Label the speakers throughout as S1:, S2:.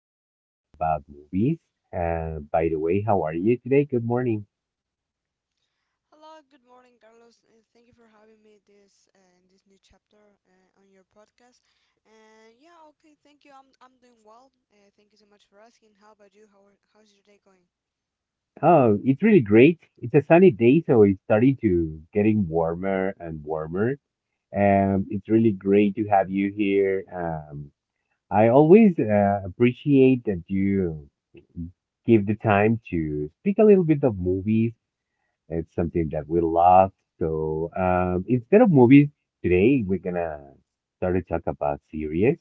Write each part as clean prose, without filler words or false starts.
S1: start talking about movies. By the way, how are you today? Good morning.
S2: Hello, good morning, Carlos, and thank you for having me this in this new chapter on your podcast. And yeah, okay, thank you. I'm doing well. Thank you so much for asking. How about you? How's your day going?
S1: Oh, it's really great. It's a sunny day, so it's starting to getting warmer and warmer. It's really great to have you here. I always appreciate that you give the time to speak a little bit of movies. It's something that we love. So instead of movies, today we're gonna start to talk about series.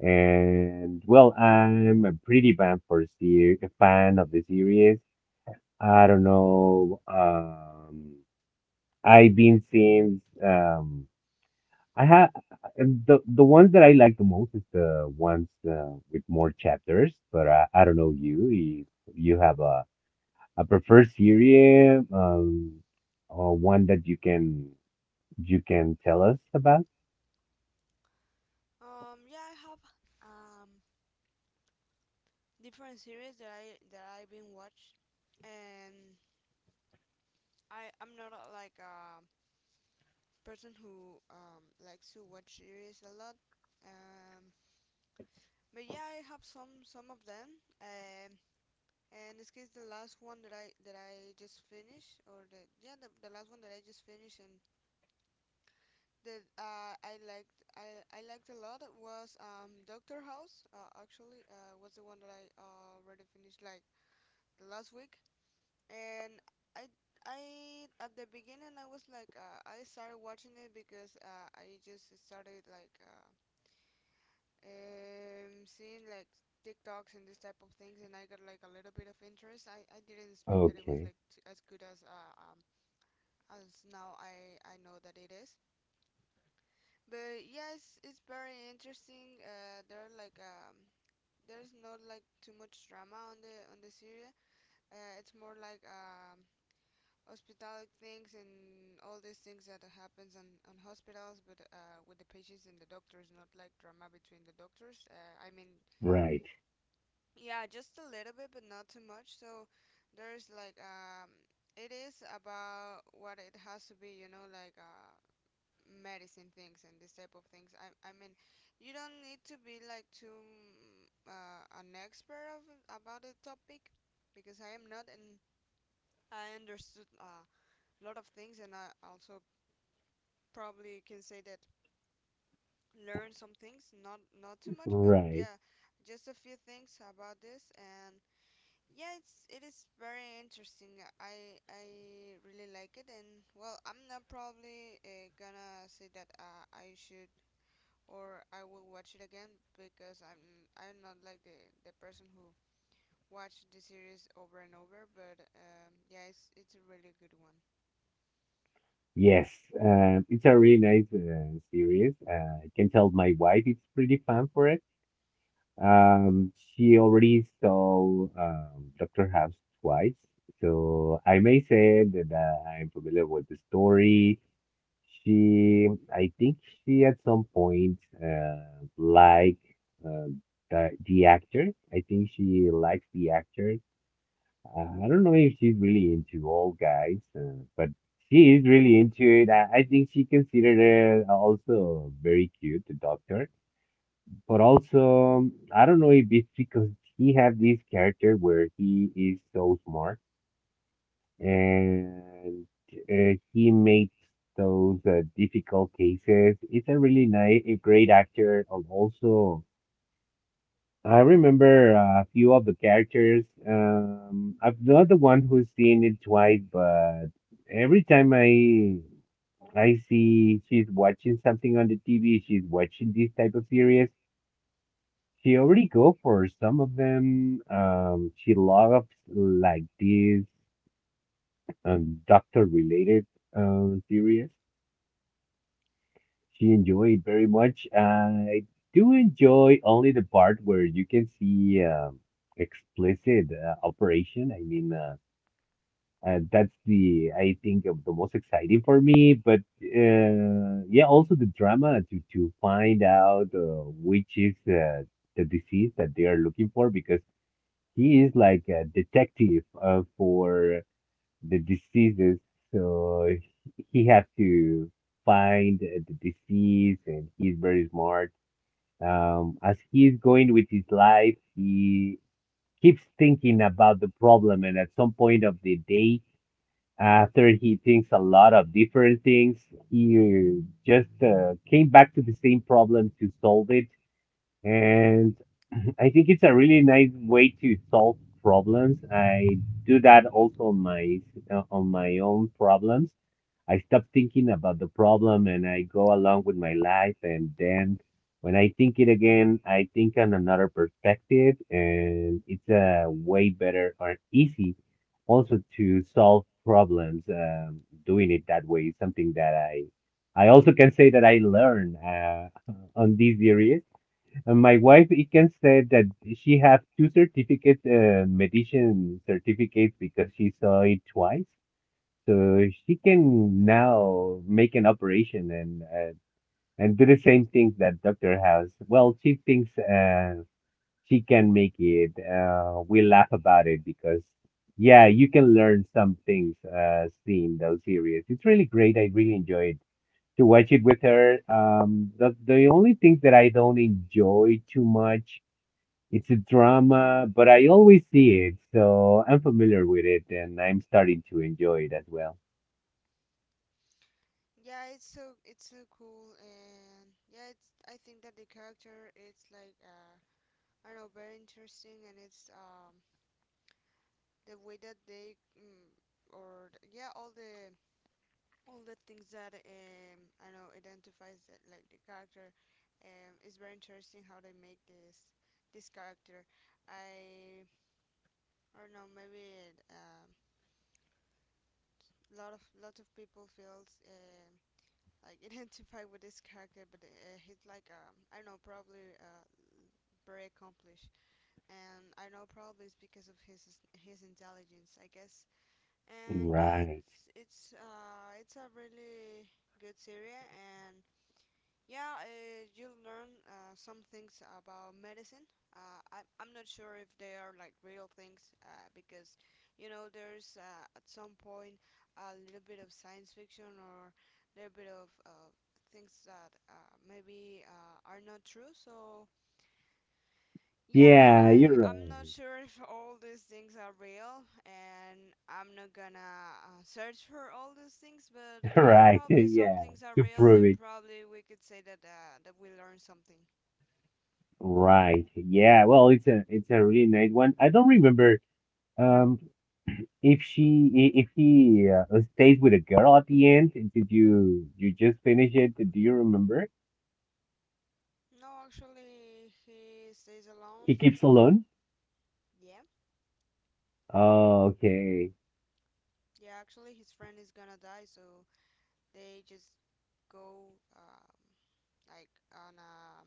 S1: And well, I'm a pretty fan for fan of the series. I don't know. I've been since I have the ones that I like the most is the ones with more chapters. But I don't know you if you have a I prefer Syria, or one that you can tell us about.
S2: Yeah, I have um different series that I've been watch, and I'm not a, like a person who likes to watch series a lot. Um, but yeah, I have some of them. And this case the last one that I just finished or the last one that I just finished and that I liked a lot was Doctor House actually was the one that I already finished like the last week and I I at the beginning I was like I started watching it because I just started like seeing like TikToks and this type of things, and I got like a little bit of interest. I didn't expect that it was
S1: Okay,
S2: like as good as now I know that it is. But yeah, it's very interesting. There are like there's not like too much drama on the series. It's more like hospitalic things and all these things that happens on hospitals but with the patients and the doctors, not like drama between the doctors, I mean,
S1: right,
S2: yeah, just a little bit, but not too much. So there's like it is about what it has to be, you know, like medicine things and this type of things. I mean, you don't need to be like too an expert of about the topic because I am not, and I understood a lot of things, and I also probably can say that learn some things, not too much, but
S1: right.
S2: yeah, just a few things about this and. Yeah, it's it is very interesting. I really like it, and well, I'm not probably gonna say that I should or I will watch it again because I'm not like the person who watched the series over and over. But yeah, it's a really good one.
S1: Yes, it's a really nice series. I can tell my wife is pretty fan for it. She already saw Doctor House twice, so I may say that I'm familiar with the story. She, I think she at some point liked uh, the actor. I think she likes the actor. I don't know if she's really into all guys, but she is really into it. I think she considered her also very cute, the doctor. But also, I don't know if it's because he have this character where he is so smart and he makes those difficult cases. It's a really nice, a great actor. And also, I remember a few of the characters. I'm not the one who's seen it twice, but every time I see she's watching something on the TV, she's watching this type of series. She already go for some of them. She loves like these doctor related series. She enjoyed very much. I do enjoy only the part where you can see explicit operation. I mean, that's the I think of the most exciting for me. But yeah, also the drama to find out which is the disease that they are looking for because he is like a detective for the diseases. So he has to find the disease, and he's very smart. As he's going with his life, he keeps thinking about the problem, and at some point of the day, after he thinks a lot of different things, he just came back to the same problem to solve it. And I think it's a really nice way to solve problems. I do that also on my own problems. I stop thinking about the problem and I go along with my life. And then when I think it again, I think on another perspective, and it's a way better or easy also to solve problems. Doing it that way is something that I also can say that I learn on these areas. And my wife, it can say that she have two certificates, medicine certificates, because she saw it twice. So she can now make an operation and do the same things that doctor has. Well, she thinks she can make it. We laugh about it because yeah, you can learn some things seeing those series. It's really great. I really enjoyed to watch it with her. The only things that I don't enjoy too much. It's a drama, but I always see it, so I'm familiar with it, and I'm starting to enjoy it as well.
S2: Yeah, it's so cool, and yeah, it's I think that the character it's like I don't know, very interesting, and it's the way that they yeah, all the things that I don't know, identifies that like the character. It's very interesting how they make this character. I I don't know, maybe a lot of people feels like identify with this character, but he's like I don't know, probably very accomplished, and I know probably it's because of his intelligence, I guess. And yeah,
S1: Right.
S2: it's a really good series and yeah, you'll learn some things about medicine. I'm not sure if they are like real things because, you know, there's at some point a little bit of science fiction or a little bit of things that maybe are not true. So yeah,
S1: Yeah, you're
S2: I'm not
S1: right.
S2: sure if all these things are real, and I'm not gonna search for all these things. But yeah,
S1: Right.
S2: probably some
S1: Yeah.
S2: things are
S1: To
S2: real,
S1: prove
S2: and
S1: it.
S2: probably we could say that that we learned something.
S1: Right. Yeah. Well, it's a really nice one. I don't remember um if she if he stays with a girl at the end. Did you you just finish it? Do you remember?
S2: No, actually, he stays
S1: He
S2: alone.
S1: keeps alone.
S2: Yeah,
S1: Oh, okay.
S2: yeah. Actually, his friend is gonna die, so they just go like on a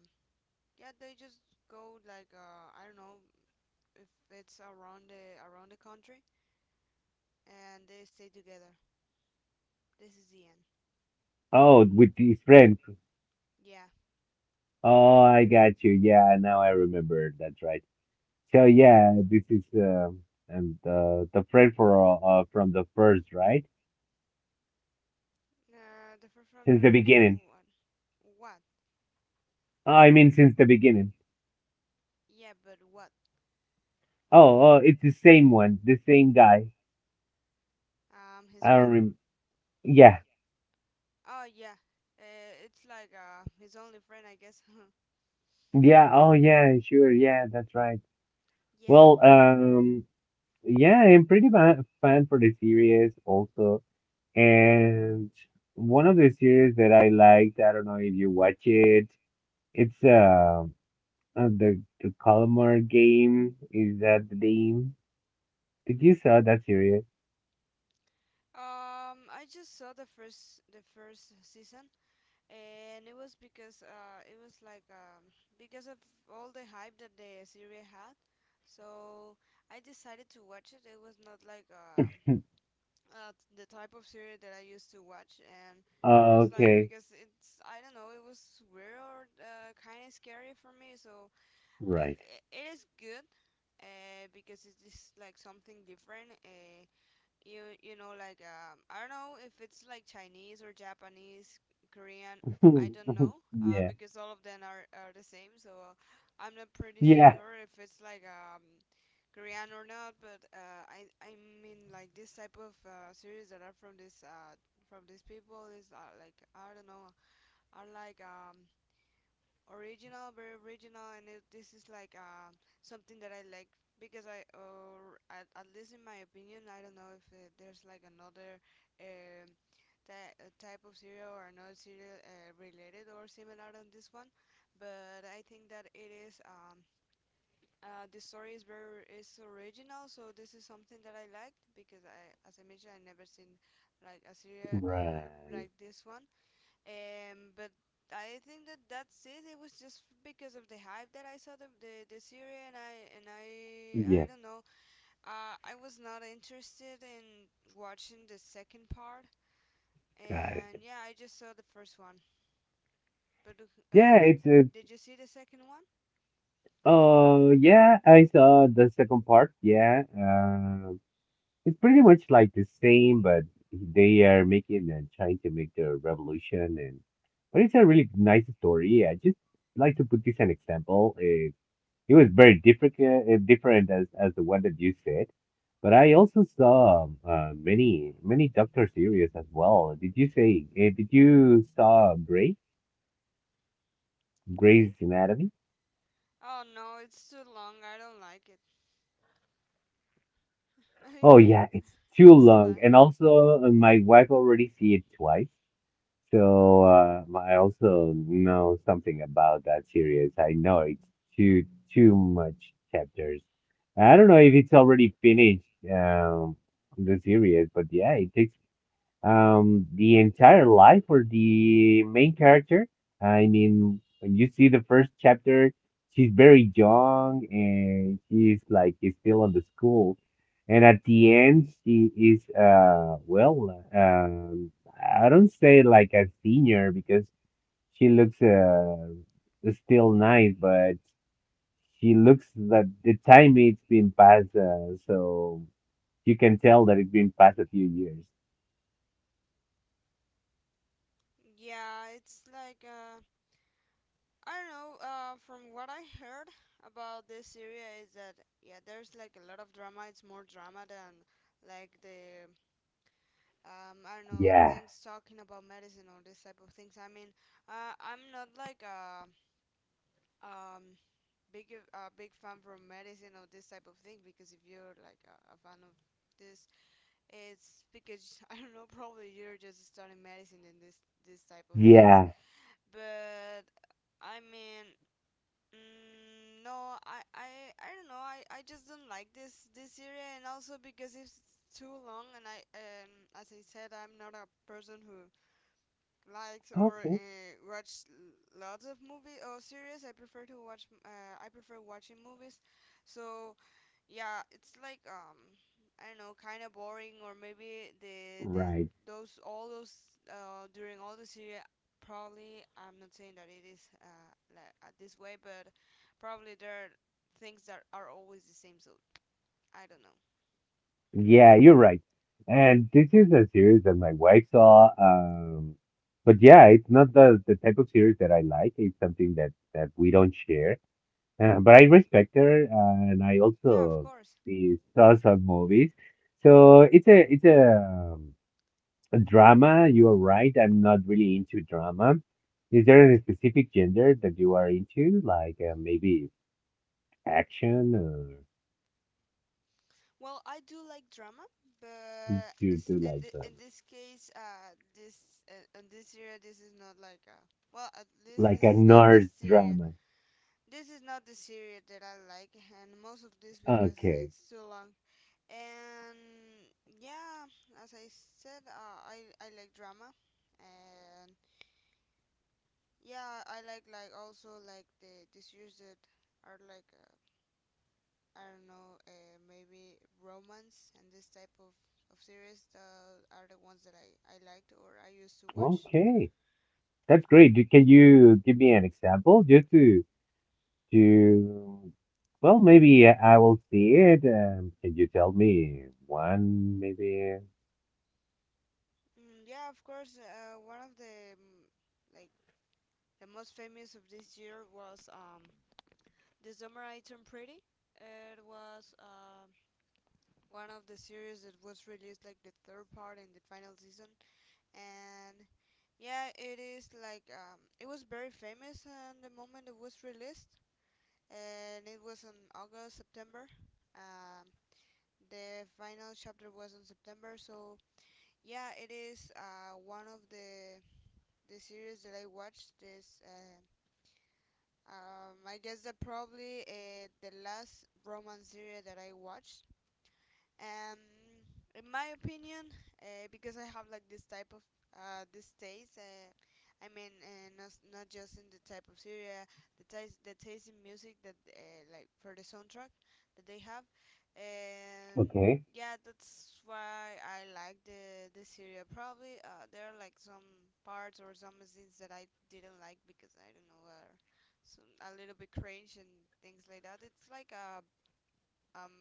S2: yeah. They just go like I don't know if it's around the country, and they stay together. This is the end.
S1: Oh, with his friend.
S2: Yeah.
S1: Oh, I got you. Yeah, now I remember. That's right. So yeah, this is and uh the friend for from the first, right?
S2: The first one,
S1: Since
S2: the
S1: the
S2: first
S1: beginning.
S2: one. What?
S1: Oh, I mean, since the beginning.
S2: Yeah, but what?
S1: Oh, oh, it's the same one, the same guy.
S2: His
S1: I
S2: friend?
S1: don't remember. Yeah,
S2: Oh yeah. It's like his only friend, I guess.
S1: yeah. Oh, yeah. Sure. Yeah, that's right.
S2: Yeah.
S1: Well, yeah, I'm pretty ba fan for the series also, and one of the series that I liked. I don't know if you watch it. It's the Calamar Game. Is that the name? Did you saw that series?
S2: I just saw the first season, and it was because it was like because of all the hype that the series had, so I decided to watch it. It was not like the type of series that I used to watch, and it
S1: Oh,
S2: was like
S1: okay.
S2: because it's I don't know, it was weird or kind of scary for me. So
S1: Right.
S2: it is good because it is like something different. You know like I don't know if it's like Chinese or Japanese, Korean. I don't know
S1: Yeah.
S2: because all of them are the same. So uh, I'm not pretty
S1: Yeah.
S2: sure if it's like Korean or not. But I mean like this type of series that are from this from these people is like I don't know, are like original, very original, and it, this is like something that I like because I, or at least in my opinion, I don't know if there's like another um, type of cereal or another cereal related or similar on this one, but I think that it is. The story is very is original, so this is something that I liked because I, as I mentioned, I never seen like a serial
S1: Right.
S2: like this one. But I think that that's it. It was just because of the hype that I saw the series, and I
S1: Yeah,
S2: don't know. I was not interested in watching the second part,
S1: got
S2: and
S1: it.
S2: yeah, I just saw the first one. But uh,
S1: Yeah,
S2: did
S1: it's
S2: did you see the second one?
S1: yeah, I saw the second part. Yeah, it's pretty much like the same, but they are making and trying to make the revolution, and but it's a really nice story. I just like to put this an example. It was very different, different as the one that you said, but I also saw many Doctor series as well. Did you say? Did you saw Grey
S2: Gray?
S1: Grey's Anatomy?
S2: Oh no, it's too long. I don't like it.
S1: Oh yeah, it's too
S2: It's
S1: long,
S2: like
S1: and also my wife already see it twice, so I also know something about that series. I know it's too too much chapters. I don't know if it's already finished um, the series, but yeah, it takes the entire life for the main character. I mean, when you see the first chapter, she's very young and she's like is still on the school. And at the end, she is well, I don't say like a senior because she looks still nice, but she looks that the time it's been passed, so you can tell that it's been past a few years.
S2: yeah, it's like I don't know. From what I heard about this area is that yeah, there's like a lot of drama. It's more drama than like the I don't know,
S1: Yeah,
S2: things talking about medicine or this type of things. I mean, I'm not like a um big fan from medicine or this type of thing because if you're like a fan of this, it's because I don't know. Probably you're just studying medicine and this type of things.
S1: yeah.
S2: But I mean, mm, I don't know. I just don't like this area, and also because it's too long, as I said, I'm not a person who liked or
S1: Okay.
S2: watched lots of movies or series. I prefer to watch. I prefer watching movies. So yeah, it's like I don't know, kind of boring or maybe the
S1: Right.
S2: those all those during all the series. Probably I'm not saying that it is this way, but probably there are things that are always the same. So I don't know.
S1: Yeah, you're right. And this is a series that my wife saw. But yeah, it's not the type of series that I like. It's something that, that we don't share. But I respect her, and I
S2: Yeah, of
S1: also
S2: course.
S1: see, saw some movies. So it's a drama. You are right. I'm not really into drama. Is there a specific gender that you are into? Like maybe action, or
S2: Well, I do like drama,
S1: do
S2: but
S1: you do
S2: in
S1: like?
S2: the, in this case, this in this area, this is not like well, at least
S1: Like a
S2: this is not the
S1: nurse
S2: Syria.
S1: drama.
S2: This is not the Syria that I like, and most of this because
S1: Okay.
S2: it's too long. And yeah, as I said, I like drama, and yeah, I like also like the series that are like I don't know, maybe romance and this type of series that are the ones that I liked or I used to watch.
S1: Okay. That's great. Do- Can you give me an example just to well, maybe I will see it. Can you tell me one maybe?
S2: Mm, yeah, of course, one of the like the most famous of this year was The Summer I Turned Pretty. It was one of the series that was released like the third part in the final season, and yeah, it is like it was very famous and the moment it was released, and it was in August, September. Um, the final chapter was in September, so yeah, it is one of the series that I watched. This I guess that probably the last romance series that I watched. um, in my opinion, because I have like this type of this taste, not, not just in the type of Syria, the taste in music that like for the soundtrack that they have, and
S1: Okay.
S2: yeah, that's why I like the Syria. Probably there are like some parts or some scenes that I didn't like because I don't know, are some a little bit cringe, and things like that. It's like a um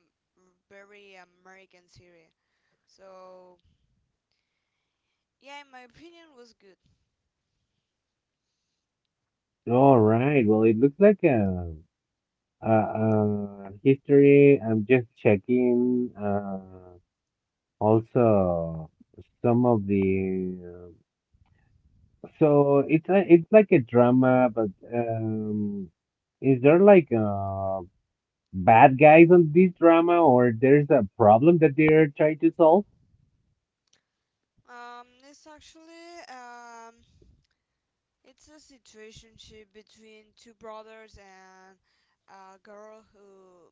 S2: very American series. So yeah, in my opinion, was good.
S1: All right. Well, it looks like a history. I'm just checking also some of the So it's a, it's like a drama, but is there like bad guys on this drama, or there's a problem that they're trying to solve?
S2: It's actually it's a situationship between two brothers and a girl who,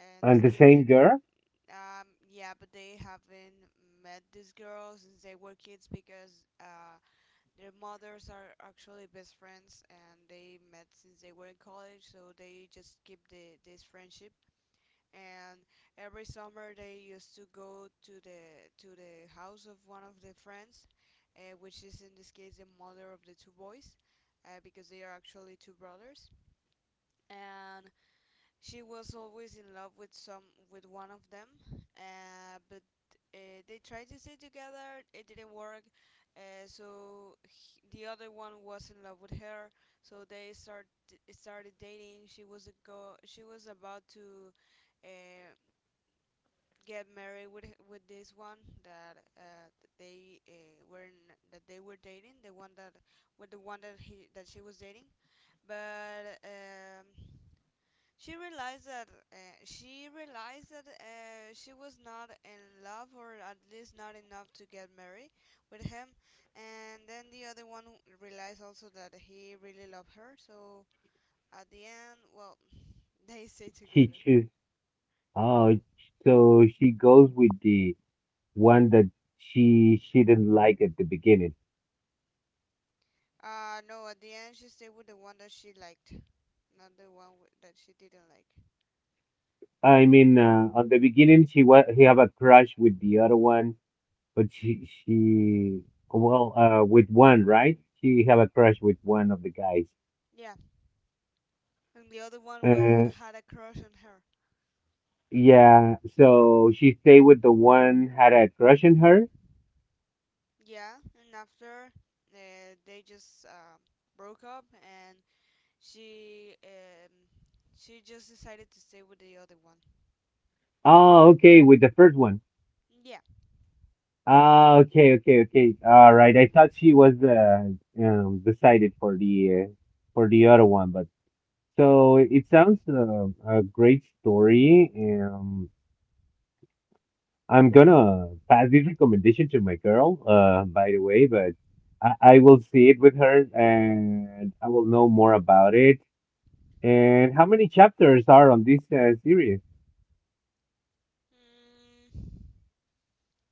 S2: in
S1: And
S2: this
S1: the
S2: case,
S1: same girl,
S2: but they haven't met this girl since they were kids because their mothers are actually best friends and they met since they were in college, so they just keep the this friendship, and every summer they used to go to the house of one of the friends, which is in this case the mother of the two boys, because they are actually two brothers. And she was always in love with some with one of them, but they tried to stay together. It didn't work. So the other one was in love with her. So they started dating. She was a go. She was about to uh, get married with this one that that they were n- that they were dating the one that with the one that he that she was dating, but she realized that she was not in love, or at least not enough to get married with him. And then the other one realized also that he really loved her, so at the end, well, they stay
S1: she
S2: together.
S1: choose. Oh, so she goes with the one that she didn't like at the beginning.
S2: No, at the end she stayed with the one that she liked, not the one that she didn't like.
S1: I mean, on the beginning she was he have a crush with the other one, but she well with one right? She have a crush with one of the guys.
S2: Yeah, and the other one was
S1: Uh,
S2: had a crush on her.
S1: Yeah, so she stayed with the one had a crush on her.
S2: Yeah, and after uh, they just broke up, and she um, she just decided to stay with the other one.
S1: Oh, okay, with the first one.
S2: Yeah.
S1: Ah, okay, okay, okay. All right. I thought she was the decided for the other one, but so it sounds a great story. I'm gonna pass this recommendation to my girl. By the way, but I will see it with her and I will know more about it. And how many chapters are on this series?
S2: Mm,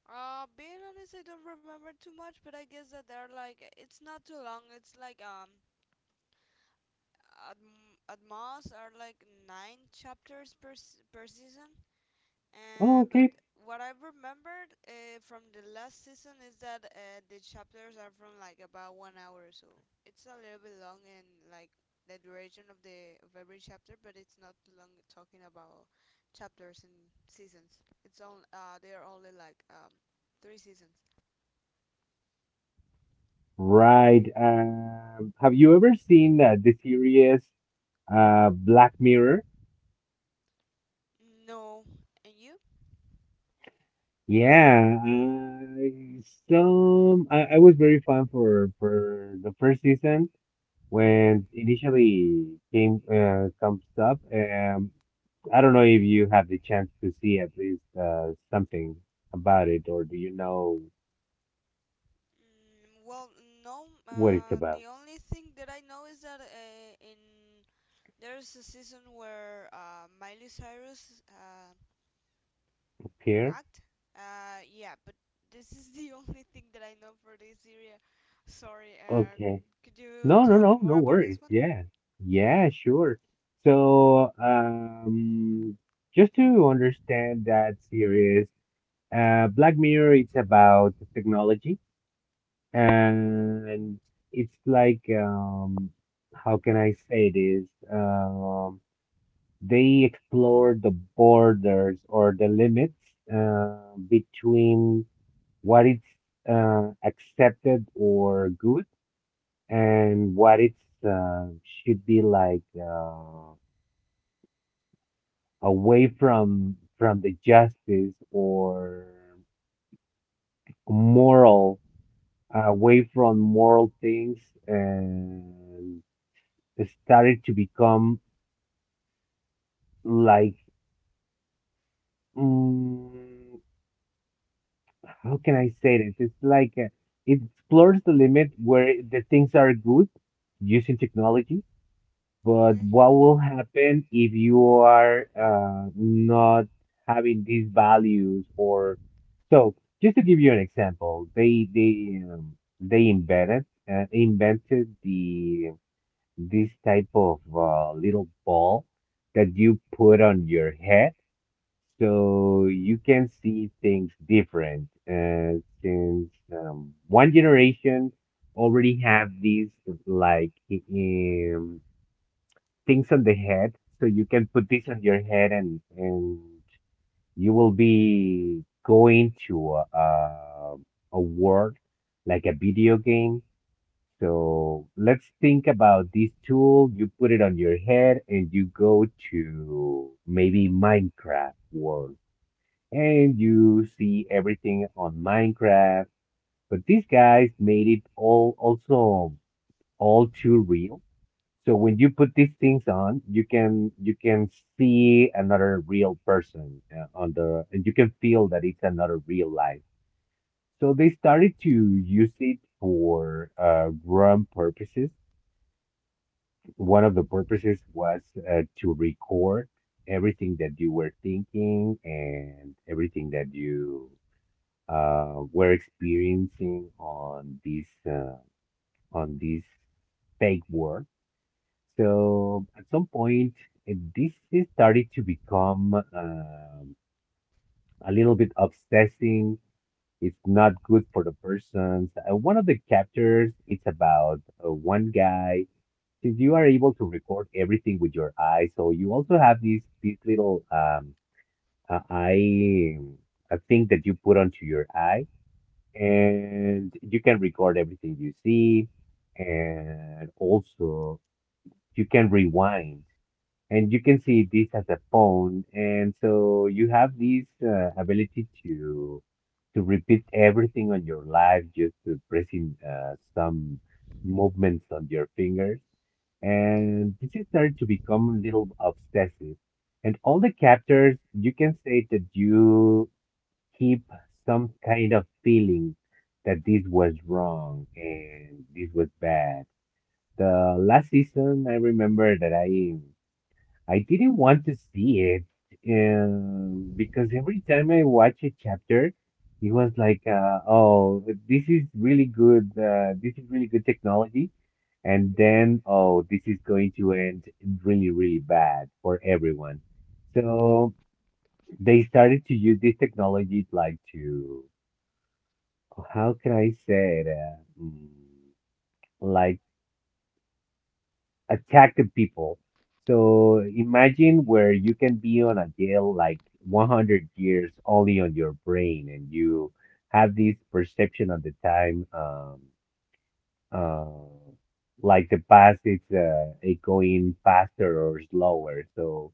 S2: Being honest, I don't remember too much, but I guess that they're like it's not too long. It's like at at most are like nine chapters per per season.
S1: Oh,
S2: But
S1: okay,
S2: what I remembered from the last season is that the chapters are from like about 1 hour or so. It's a little bit long and like the duration of the of every chapter, but it's not long. Talking about chapters and seasons, it's only they are only like three seasons.
S1: Right. Have you ever seen the series Black Mirror?
S2: No, and you?
S1: Yeah, I some I was very fan for the first season when initially came comes up. I don't know if you have the chance to see at least something about it, or do you know
S2: Well, no.
S1: what it's about?
S2: The only thing that I know is that in there's a season where Miley Cyrus
S1: Pierre?
S2: act. Yeah, but this is the only thing that I know for this area. Sorry,
S1: Okay.
S2: could you
S1: No, no,
S2: tell me
S1: no,
S2: more
S1: no
S2: about
S1: worries.
S2: this one?
S1: Yeah, yeah, sure. So, just to understand that series, Black Mirror, it's about technology and it's like, how can I say this? Um, they explore the borders or the limits, between what is, accepted or good and what it's uh, should be like away from the justice or moral away from moral things and it started to become like mm, how can I say this? It's like it explores the limit where the things are good using technology. But
S2: Okay.
S1: what will happen if you are not having these values or so? Just to give you an example, they they invented invented the this type of little ball that you put on your head, so you can see things different. Since one generation already have these like um, things on the head. So you can put this on your head and you will be going to a world like a video game. So let's think about this tool. You put it on your head and you go to maybe Minecraft world and you see everything on Minecraft. But these guys made it all also all too real. So when you put these things on, you can see another real person on the, and you can feel that it's another real life. So they started to use it for run purposes. One of the purposes was to record everything that you were thinking and everything that you were experiencing on this fake world. So at some point, this is started to become a little bit obsessing. It's not good for the persons. One of the chapters, it's about one guy. Since you are able to record everything with your eye, so you also have these little eye a thing that you put onto your eye, and you can record everything you see, and also you can rewind and you can see this as a pawn. And so you have this ability to repeat everything on your life just to pressing some movements on your fingers. And this is started to become a little obsessive. And all the chapters, you can say that you keep some kind of feeling that this was wrong and this was bad. The last season, I remember that I didn't want to see it because every time I watch a chapter, it was like, oh, this is really good. This is really good technology. And then, oh, this is going to end really, really bad for everyone. So they started to use this technology like to, how can I say it? Like attractive people. So imagine where you can be on a jail like 100 years only on your brain, and you have this perception of the time, uh, like the past is it going faster or slower. So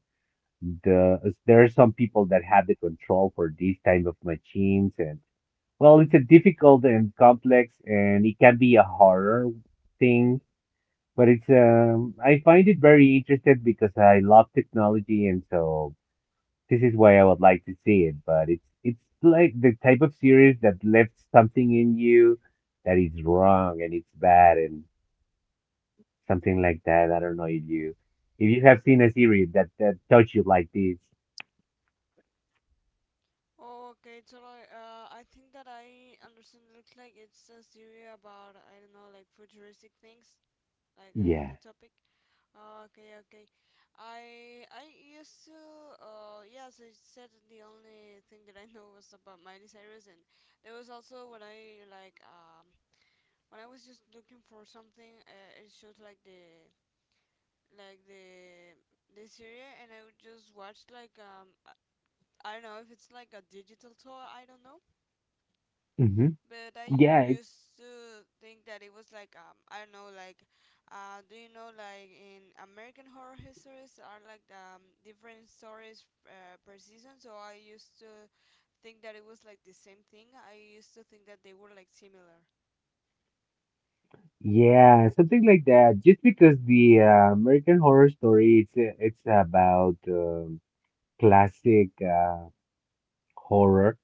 S1: there are some people that have the control for these kind of machines, and well, it's a difficult and complex, and it can be a horror thing, but it's I find it very interested because I love technology and so this is why I would like to see it. But it's like the type of series that left something in you that is wrong and it's bad and something like that. I don't know if you have seen a series that touch you like this.
S2: Oh, okay, totally. I think that I understand. It looks like it's a series about, I don't know, like futuristic things, like
S1: Yeah.
S2: the topic. Oh, okay, okay. I I used to, yeah, as I said, the only thing that I know was about Miley Cyrus, and there was also when I like when I was just looking for something, it showed like like the the series, and I would just watch like. I don't know if it's like a digital tour, I don't know,
S1: Hmm.
S2: but I
S1: Yeah.
S2: used to think that it was like I don't know, like do you know, like in American horror histories are like different stories per season, so I used to think that it was like the same thing. I used to think that they were like similar.
S1: Yeah. Something like that. Just because the American Horror Story, it's about classic horror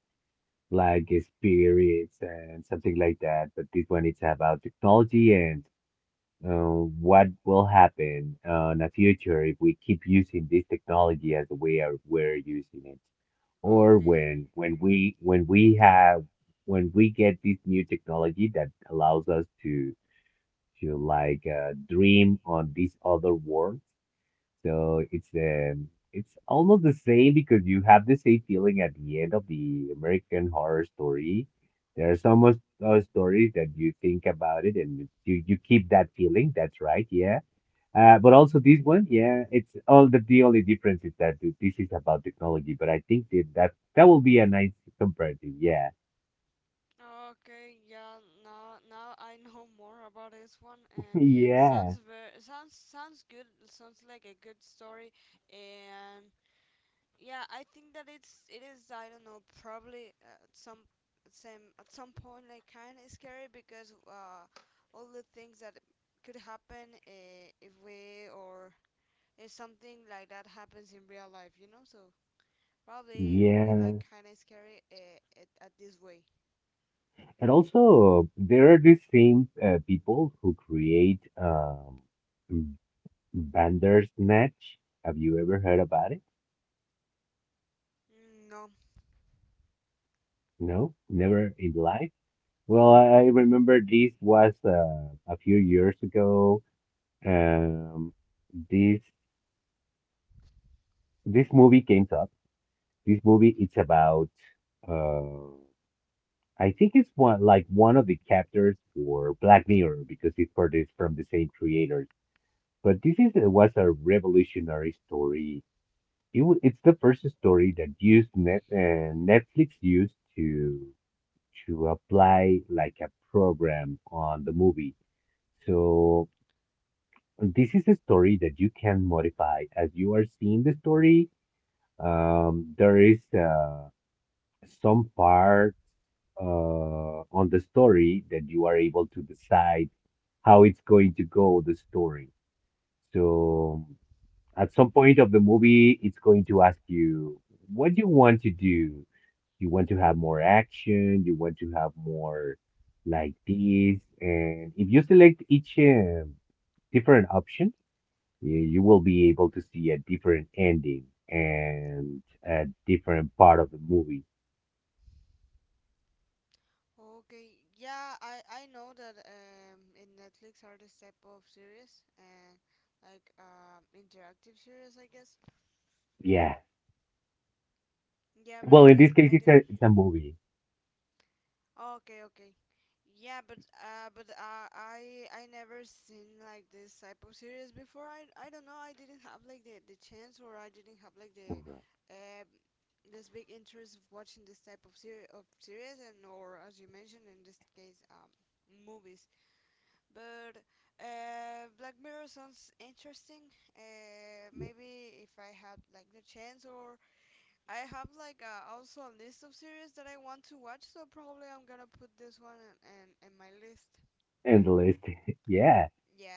S1: like spirits and something like that. But this one it's about technology and what will happen in the future if we keep using this technology as the way are we're using it, or
S2: Okay.
S1: when we get this new technology that allows us to like dream on these other worlds, so it's it's almost the same because you have the same feeling at the end of the American Horror Story. There are stories that you think about it and you keep that feeling. That's right, yeah. But also this one, yeah, it's all the only difference is that this is about technology. But I think that that will be a nice comparative, yeah.
S2: Okay, yeah, now I know more about this one, and
S1: Yeah,
S2: sounds very sounds sounds good. Sounds like a good story. And yeah, I think that it is, I don't know, probably at some same at some point like kind of scary because all the things that could happen if we, or if something like that happens in real life, you know? So probably it will be
S1: yeah.
S2: like kind of scary at this way.
S1: And also, there are the same people who create Bandersnatch. Have you ever heard about it?
S2: Mm, no.
S1: No, never in life. Well, I remember this was a few years ago. Um, this this movie came up. This movie it's about. Uh, I think it's one of the chapters for Black Mirror because it's produced from the same creators. But this is was a revolutionary story. It's the first story that used Netflix used to apply like a program on the movie. So this is a story that you can modify as you are seeing the story. There is some parts on the story that you are able to decide how it's going to go the story. So at some point of the movie, it's going to ask you, what do you want to do? You want to have more action, you want to have more like this. And if you select each different option, you will be able to see a different ending and a different part of the movie.
S2: Okay, yeah, I know that in Netflix are this type of series, and like interactive series, I guess.
S1: Yeah.
S2: Yeah, but
S1: Well, in this case,
S2: I
S1: it's a
S2: didn't.
S1: it's a movie.
S2: Okay, okay. Yeah, but I never seen like this type of series before. I don't know. I didn't have like the chance, or I didn't have like the
S1: Alright.
S2: um this big interest of watching this type of series, and or as you mentioned, in this case, movies. But Black Mirror sounds interesting. Maybe if I had like the chance, or I have like also a list of series that I want to watch, so probably I'm gonna put this one in my list.
S1: In the list. Yeah,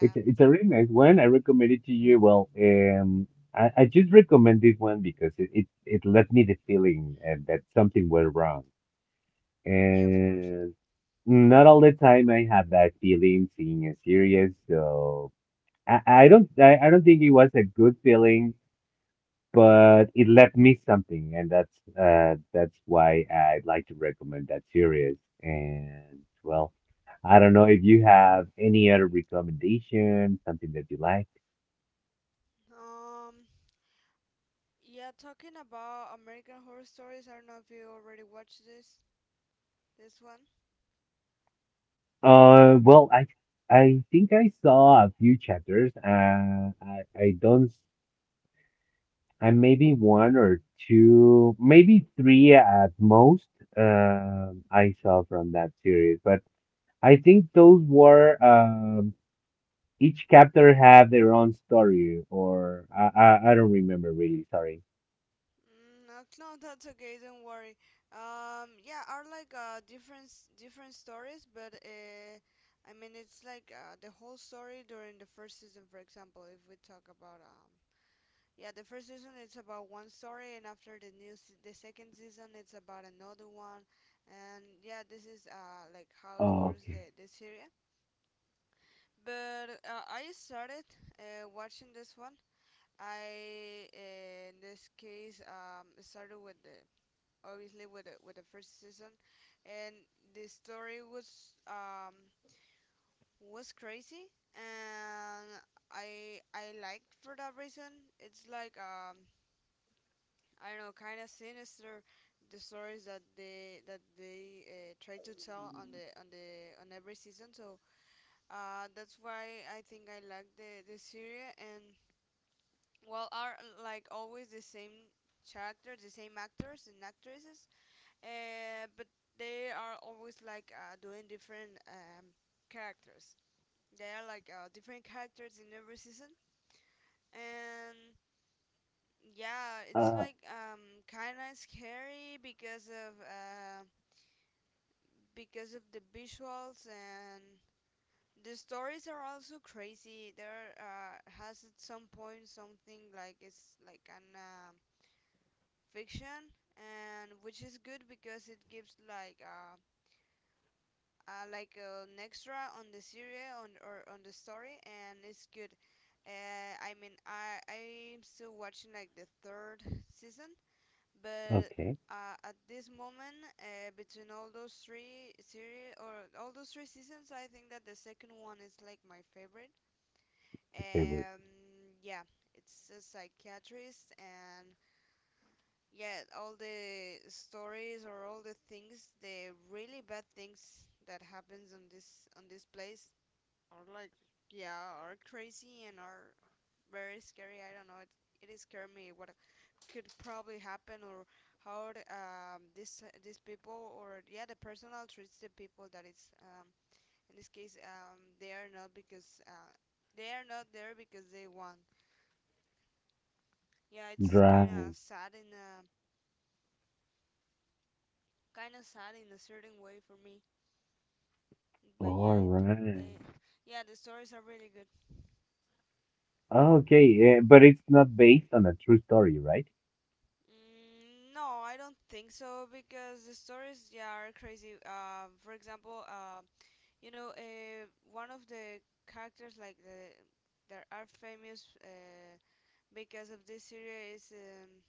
S1: it's it's a really nice one. I recommend it to you. Well, I just recommend this one because it left me the feeling that something went wrong,
S2: yeah, of course.
S1: and not all the time I have that feeling seeing a series. So I don't think it was a good feeling, but it left me something, and that's why I'd like to recommend that series. And well, I don't know if you have any other recommendation, something that you like.
S2: Um, yeah, talking about American Horror Stories, I don't know if you already watched this one.
S1: Well, I think I saw a few chapters. I don't. I maybe one or two, maybe three at most. I saw from that series, but I think those were each chapter have their own story, or I don't remember really. Sorry.
S2: Mm, no, no, that's okay. Don't worry. Yeah, are like different stories, but I mean, it's like the whole story during the first season. For example, if we talk about yeah, the first season it's about one story, and after the second season it's about another one, and yeah, this is like how it
S1: Oh,
S2: works
S1: okay.
S2: the series. But I started watching this one. I In this case, started with the, obviously with with the first season, and the story was crazy, and I liked for that reason. It's like I don't know, kind of sinister, the stories that they try to tell on the on the on every season. So that's why I think I like the series. And well, are like always the same characters, the same actors and actresses. But they are always like doing different characters. They are like different characters in every season, and yeah, it's
S1: Uh,
S2: like kind of scary because of the visuals, and the stories are also crazy. There has at some point something like, it's like an fiction, and which is good because it gives like an extra on the serial on or on the story, and it's good. I mean, I I'm still watching like the third season, but
S1: okay.
S2: at this moment, between all those three seasons, I think that the second one is like my favorite.
S1: The favorite.
S2: Um, yeah, it's a psychiatrist, and yeah, all the stories, or all the things, the really bad things that happens on this place, yeah, are crazy and are very scary. I don't know. It scared me. What could probably happen, or how this these people, or yeah, the personnel treats the people that is, in this case, they are not, because they are not there because they want. Yeah, it's kind of
S1: Right.
S2: sad in a certain way for me. But
S1: All right.
S2: they yeah, the stories are really good.
S1: Okay, yeah, but it's not based on a true story, right?
S2: Mm, no, I don't think so, because the stories, yeah, are crazy. For example, you know, one of the characters like the that are famous because of this series is,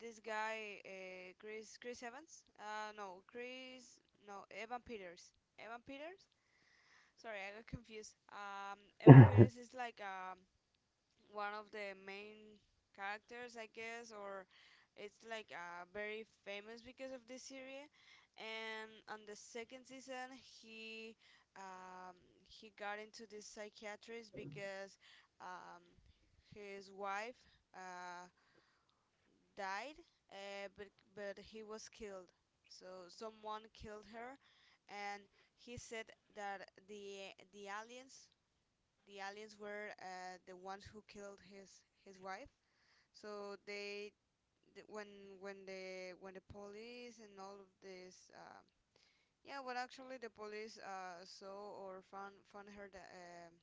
S2: this guy, Chris Evans. No, Chris no Evan Peters. Evan Peters. Sorry, I got confused. Evan Peters is like, one of the main characters, I guess, or it's like very famous because of this series. And on the second season, um, he got into this psychiatrist because um, his wife uh, died, uh, but but he was killed. So someone killed her, and he said that the aliens, were the ones who killed his wife. So they th- when the police and all of this, yeah when actually the police saw or found her,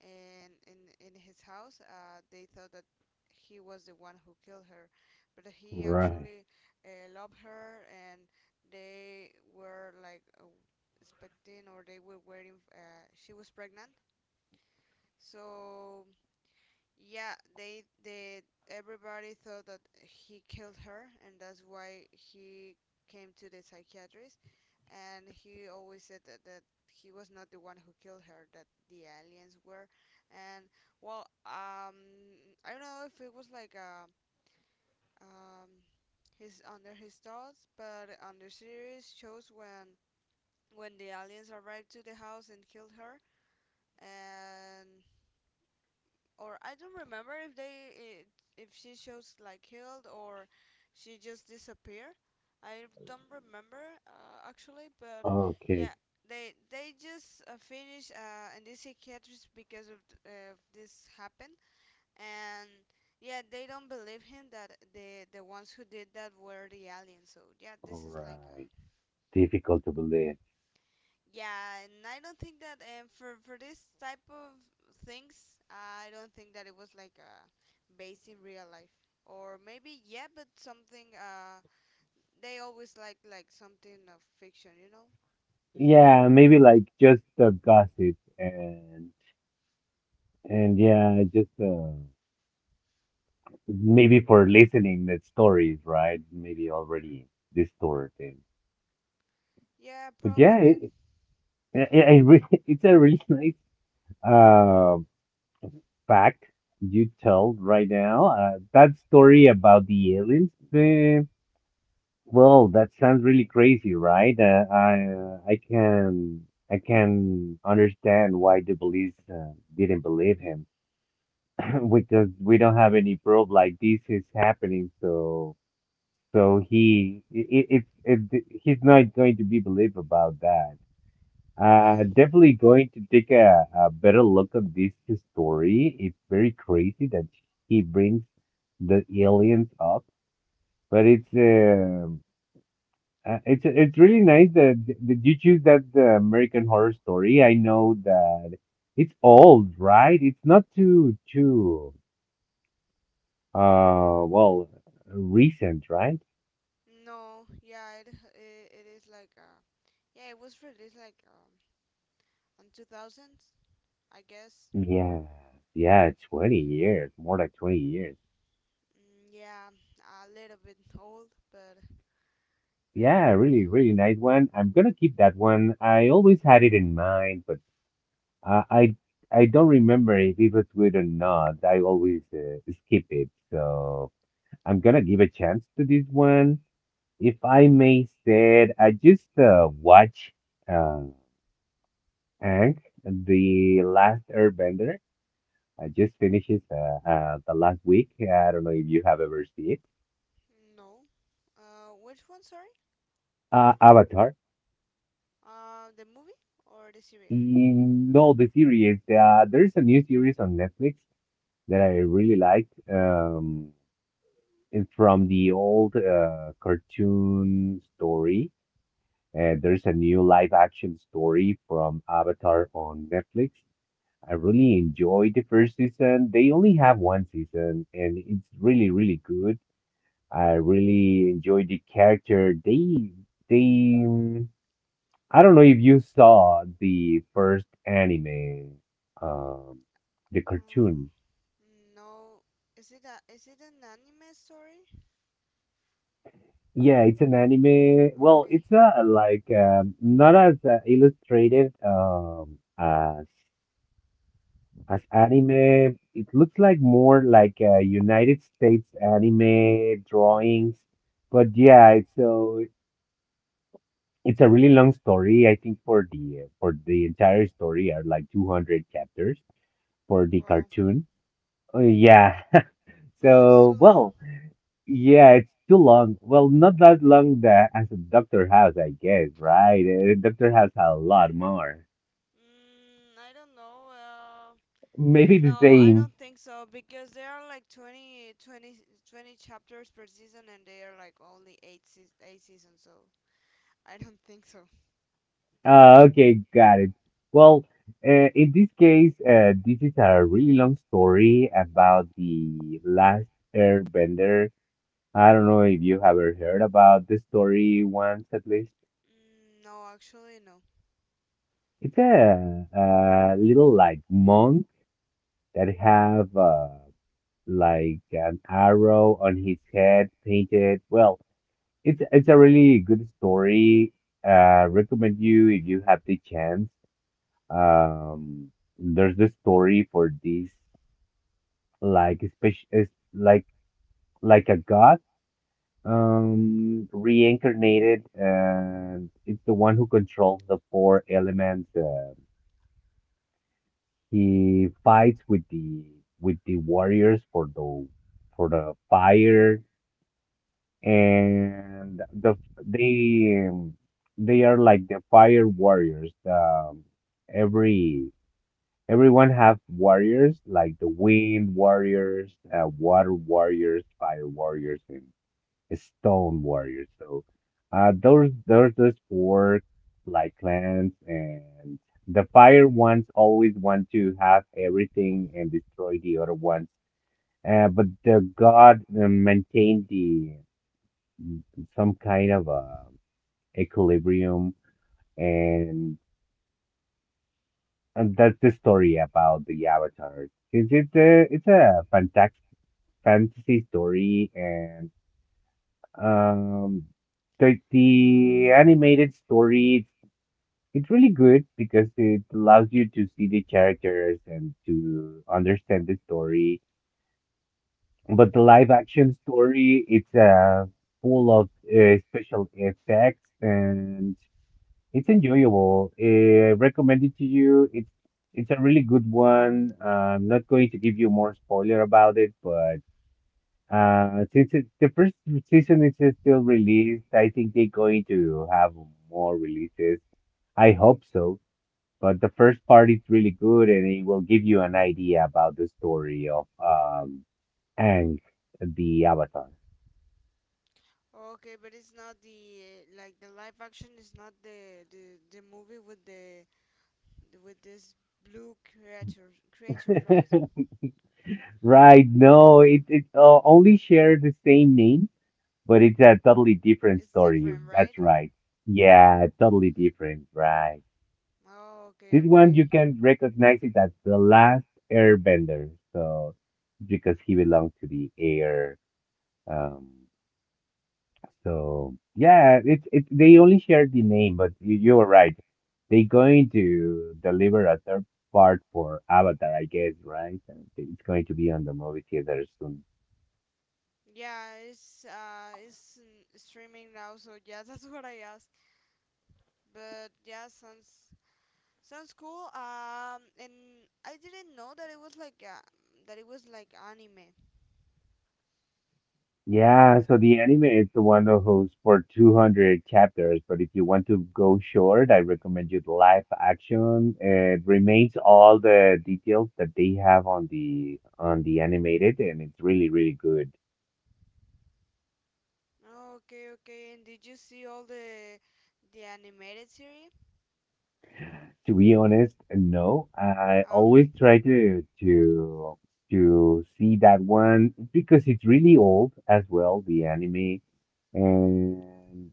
S2: in his house, they thought that he was the one who killed her, but he
S1: Right.
S2: actually loved her, and they were like expecting, or they were waiting. She was pregnant, so yeah, they everybody thought that he killed her, and that's why he came to the psychiatrist. And he always said that, that he was not the one who killed her, that the aliens were. And well, I don't know if it was like um his, under his thoughts, but on the series shows when the aliens arrived to the house and killed her. And or I don't remember if if she shows like killed, or she just disappeared. I don't remember actually, but
S1: Okay.
S2: yeah, they just finished in this psychiatrist because of this happened, and yeah, they don't believe him that the ones who did that were the aliens. So yeah, this
S1: All
S2: is like a...
S1: right. Difficult to believe.
S2: Yeah, and I don't think that, for this type of things, I don't think that it was like based in real life, or maybe yeah, but something. They always like something of fiction, you know?
S1: Yeah, maybe like just the gossip and yeah, just maybe for listening the stories, right? Maybe already distorted.
S2: Yeah,
S1: But yeah,
S2: probably.
S1: it really, it's a really nice uh, fact you told right now. That story about the aliens, well, that sounds really crazy, right? I can understand why the police didn't believe him because we don't have any proof like this is happening. So so he it, it, it, it he's not going to be believed about that.
S2: Yeah.
S1: Definitely going to take a better look at this story. It's very crazy that he brings the aliens up, but it's really nice that you choose that the American Horror Story. I know that it's old, right? It's not too well recent, right?
S2: No. Yeah, it it is like yeah, it was released like, on two thousands, I guess.
S1: Yeah, yeah, 20 years, more than 20 years.
S2: Mm, yeah, a little bit old, but...
S1: Yeah, really, really nice one. I'm gonna keep that one. I always had it in mind, but uh, I I don't remember if it was good or not. I always skip it, so I'm gonna give a chance to this one. If I may said, I just watch uh, Aang, the Last Airbender. I just finished it the last week. I don't know if you have ever seen it.
S2: No. Which one? Sorry.
S1: Avatar.
S2: The movie or the series?
S1: Mm, no, the series. There's a new series on Netflix that I really liked and from the old cartoon story. There's a new live action story from Avatar on Netflix. I really enjoyed the first season. They only have one season, and it's really, really good. I really enjoyed the character. They, um, I don't know if you saw the first anime, um, the
S2: Uh,
S1: cartoon.
S2: no. Is it a is it an anime story?
S1: Yeah, it's an anime. Well,
S2: Okay.
S1: it's a like not as illustrated as anime. It looks like more like United States anime drawings. But yeah, it's a really long story. I think for the entire story are like 200 chapters for the
S2: Well,
S1: cartoon. Oh yeah.
S2: it's too
S1: So,
S2: long.
S1: well, yeah, it's too long. Well, not that long that as a Doctor House, I guess, right? Doctor House had a lot more.
S2: I don't know.
S1: Maybe the
S2: No, I
S1: same.
S2: don't think so because there are like 20 chapters per season and they are like only eight seasons. So I don't think so.
S1: Okay, got it. Well, in this case, this is a really long story about the last Airbender. I don't know if you have ever heard about this story once at least.
S2: No, actually no.
S1: It's a little like monk that have, like an arrow on his head painted. Well, it's a really good story. Recommend you if you have the chance. Um, there's the story for this like especially like like a god reincarnated, and it's the one who controls the four elements. He fights with the warriors for the fire, and they um, they are like the fire warriors. Every Everyone have warriors like the wind warriors, water warriors, fire warriors, and stone warriors. So those four like clans, and the fire ones always want to have everything and destroy the other ones. But the god maintained the some kind of a equilibrium, and, and that's the story about the Avatar. It's a fantastic fantasy story, and um, the animated story it's really good because it allows you to see the characters and to understand the story. But the live action story, it's full of special effects and it's enjoyable. Recommend it to you. It's a really good one. I'm not going to give you more spoiler about it, but since it, the first season is still released, I think they're going to have more releases. I hope so. But the first part is really good, and it will give you an idea about the story of Aang, the Avatar.
S2: Okay, but it's not the like the live action is not the movie with the with this blue creatures, right?
S1: Right? No, it only share the same name, but it's a totally different
S2: It's
S1: story.
S2: different, right?
S1: That's right. Yeah, totally different. Right.
S2: Oh, okay,
S1: This one
S2: okay.
S1: you can recognize it as the last airbender. So because he belongs to the air. Um, so yeah, it's it. They only share the name, but you are right. They're going to deliver a third part for Avatar, I guess, right? And it's going to be on the movie theaters soon.
S2: Yeah, it's streaming now, so yeah, that's what I asked. But yeah, sounds cool. And I didn't know that it was like that it was like anime.
S1: Yeah, so the anime is the one that holds for 200 chapters, but if you want to go short, I recommend you the live action. It remains all the details that they have on the animated, and it's really, really good.
S2: Okay, okay. And did you see all the animated series?
S1: To be honest, no, I
S2: Okay,
S1: always try to see that one because it's really old as well, the anime, and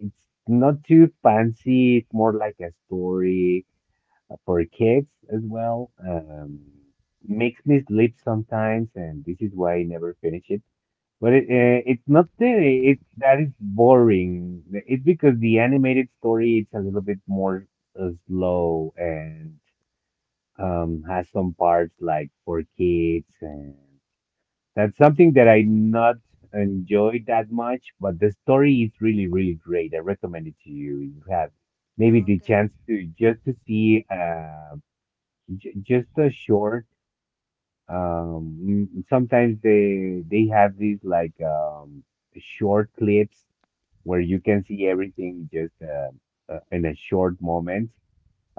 S1: it's not too fancy. It's more like a story for kids as well. Makes me sleep sometimes, and this is why I never finish it. But it's not that it that is boring. It's because the animated story it's a little bit more slow and has some parts like for kids, and that's something that I not enjoy that much. But the story is really really great. I recommend it to you. You have maybe the
S2: okay.
S1: chance to just to see. J just a short. Sometimes they have these like short clips where you can see everything just in a short moment,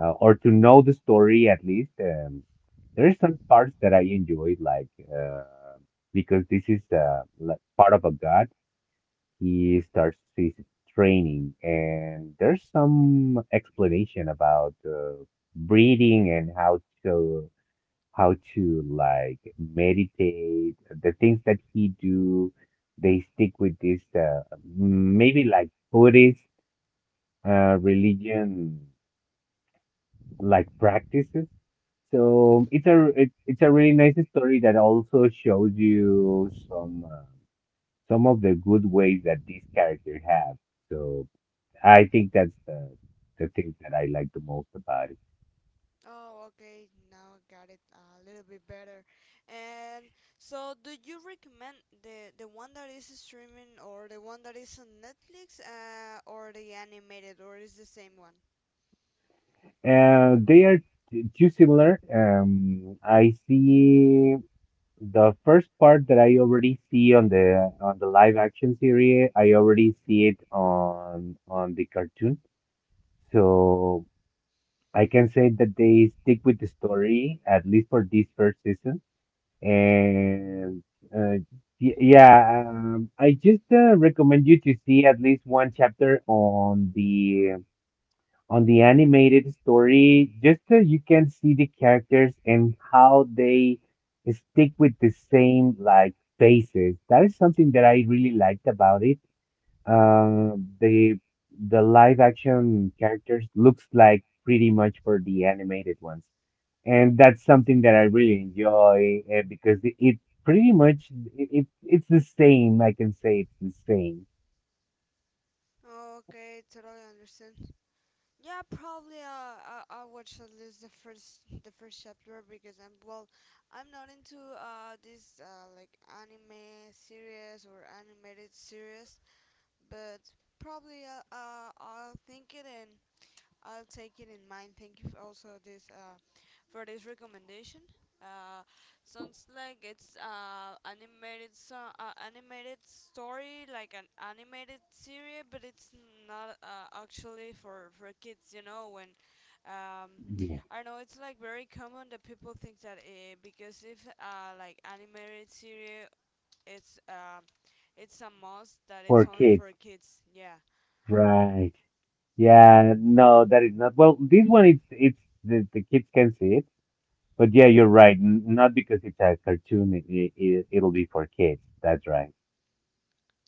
S1: or to know the story at least. There are some parts that I enjoyed, like uh, because this is like part of a god. He starts his training, and there's some explanation about breeding and how to like meditate, the things that he do, they stick with this maybe like Buddhist religion like practices. So it's a really nice story that also shows you some of the good ways that these characters have. So I think that's the thing that I like the most about it.
S2: Oh, okay. Now I got it a little bit better. And so, do you recommend the one that is streaming or the one that is on Netflix, or the animated, or is the same one?
S1: They are too similar. I see. The first part that I already see on the live action series, I already see it on the cartoon. So I can say that they stick with the story at least for this first season. And uh, yeah, I just recommend you to see at least one chapter on the animated story just so you can see the characters and how they stick with the same like faces. That is something that I really liked about it. Uh, the the live action characters looks like pretty much for the animated ones, and that's something that I really enjoy because it pretty much it's the same. I can say it's the same.
S2: Okay, totally understand. Yeah, probably. I watched at least the first chapter because I'm well, I'm not into this like anime series or animated series, but probably I'll think it and I'll take it in mind. Thank you also this for this recommendation. Uh, Sounds like it's animated so animated story like an animated series, but it's not actually for kids. You know when. Um,
S1: Yeah,
S2: I don't know, it's like very common that people think that because if like animated series it's, it's a must that it's
S1: for
S2: only
S1: kids,
S2: for kids, yeah,
S1: right? Yeah, no, that is not. Well, this one it's the kids can see it, but yeah, you're right. N not because it's a cartoon, it'll be for kids. That's right.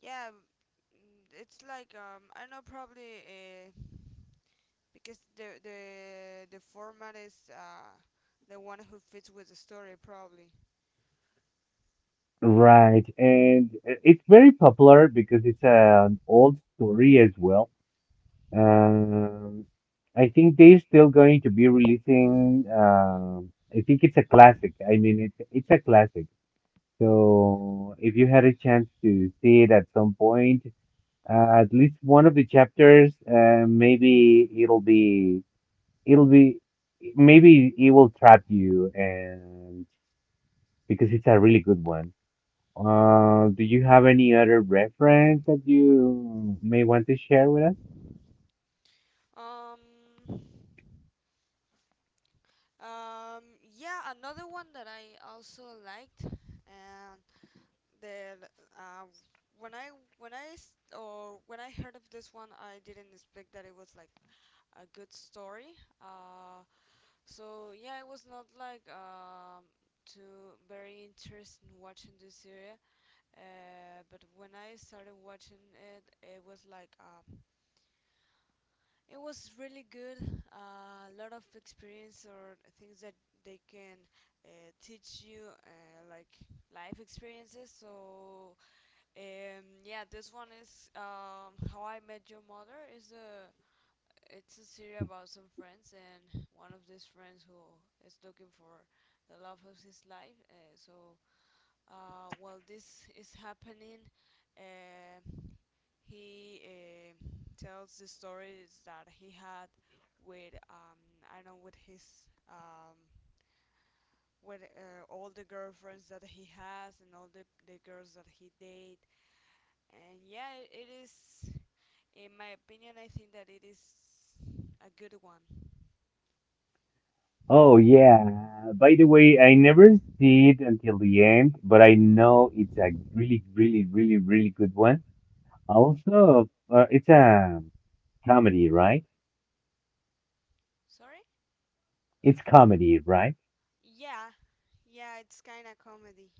S2: yeah. It's like I know probably because the format is the one who fits with the story probably.
S1: Right, and it's very popular because it's an old story as well. Um, I think they're still going to be releasing. I think it's a classic. I mean, it's a classic. So if you had a chance to see it at some point, at least one of the chapters, it'll be, maybe it will trap you, and because it's a really good one. Do you have any other reference that you may want to share with us?
S2: Um, um, yeah, another one that I also liked, and the uh, when I when I s- or when I heard of this one, I didn't expect that it was like a good story. Uh, so yeah, it was not like too very interesting watching this series. But when I started watching it, it was like it was really good. A lot of experience or things that they can teach you, like life experiences. So yeah, this one is How I Met Your Mother. Is a it's a series about some friends, and one of these friends who is looking for the love of his life. While this is happening. Um, he tells the stories that he had with I know with his um, with all the girlfriends that he has and all the girls that he date, and it is, in my opinion, I think that it is a good one.
S1: Oh yeah. By the way, I never see it until the end, but I know it's a really, really, really, really good one. Also, it's a comedy, right?
S2: Sorry.
S1: It's comedy, right?
S2: Yeah. Yeah, it's kind of comedy.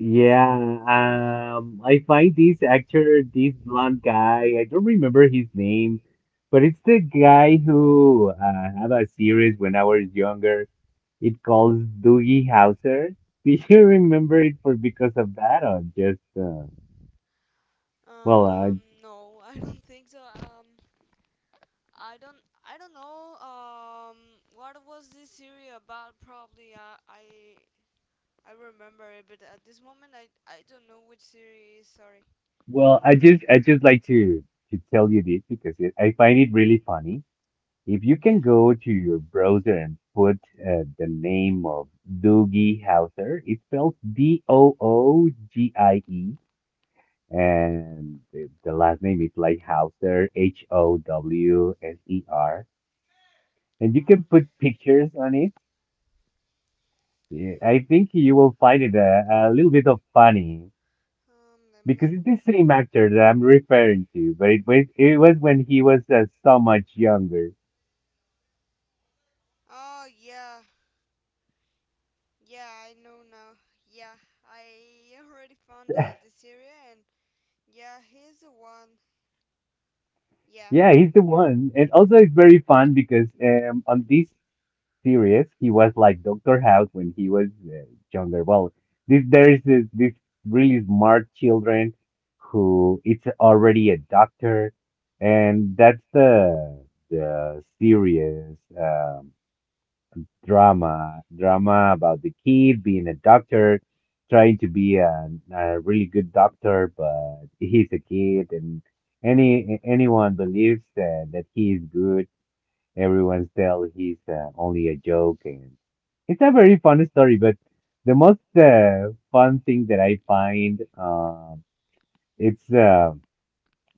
S1: Yeah. I find this actor, this blonde guy. I don't remember his name, but it's the guy who had a series when I was younger. It calls Doogie Howser. Do you remember it for because of that or just well, I
S2: no, I don't think so. um I don't know. What was this series about? Probably I remember it, but at this moment I don't know which series. Sorry.
S1: well, I just like to tell you this because I find it really funny. If you can
S2: Yeah.
S1: go to your browser and put the name of Doogie Howser, it's spelled Doogie, and the last name is like Hauser, Howser, and you can
S2: Um.
S1: put pictures on it. Yeah, I think you will find it a little bit of funny.
S2: Let me.
S1: Because it's the same actor that I'm referring to, but it was when he was so much younger.
S2: Oh yeah. Yeah. I know now. Yeah. I already found the series and yeah, he's the one. Yeah.
S1: Yeah, he's the one. And also, it's very fun because on this series, he was like Dr. House when he was younger. Well, this really smart children who it's already a doctor, and that's the series. Drama, drama about the kid being a doctor, trying to be a really good doctor, but he's a kid, and anyone believes that he is good. Everyone tells he's only a joke, and it's a very fun story. But the most fun thing that I find, it's uh,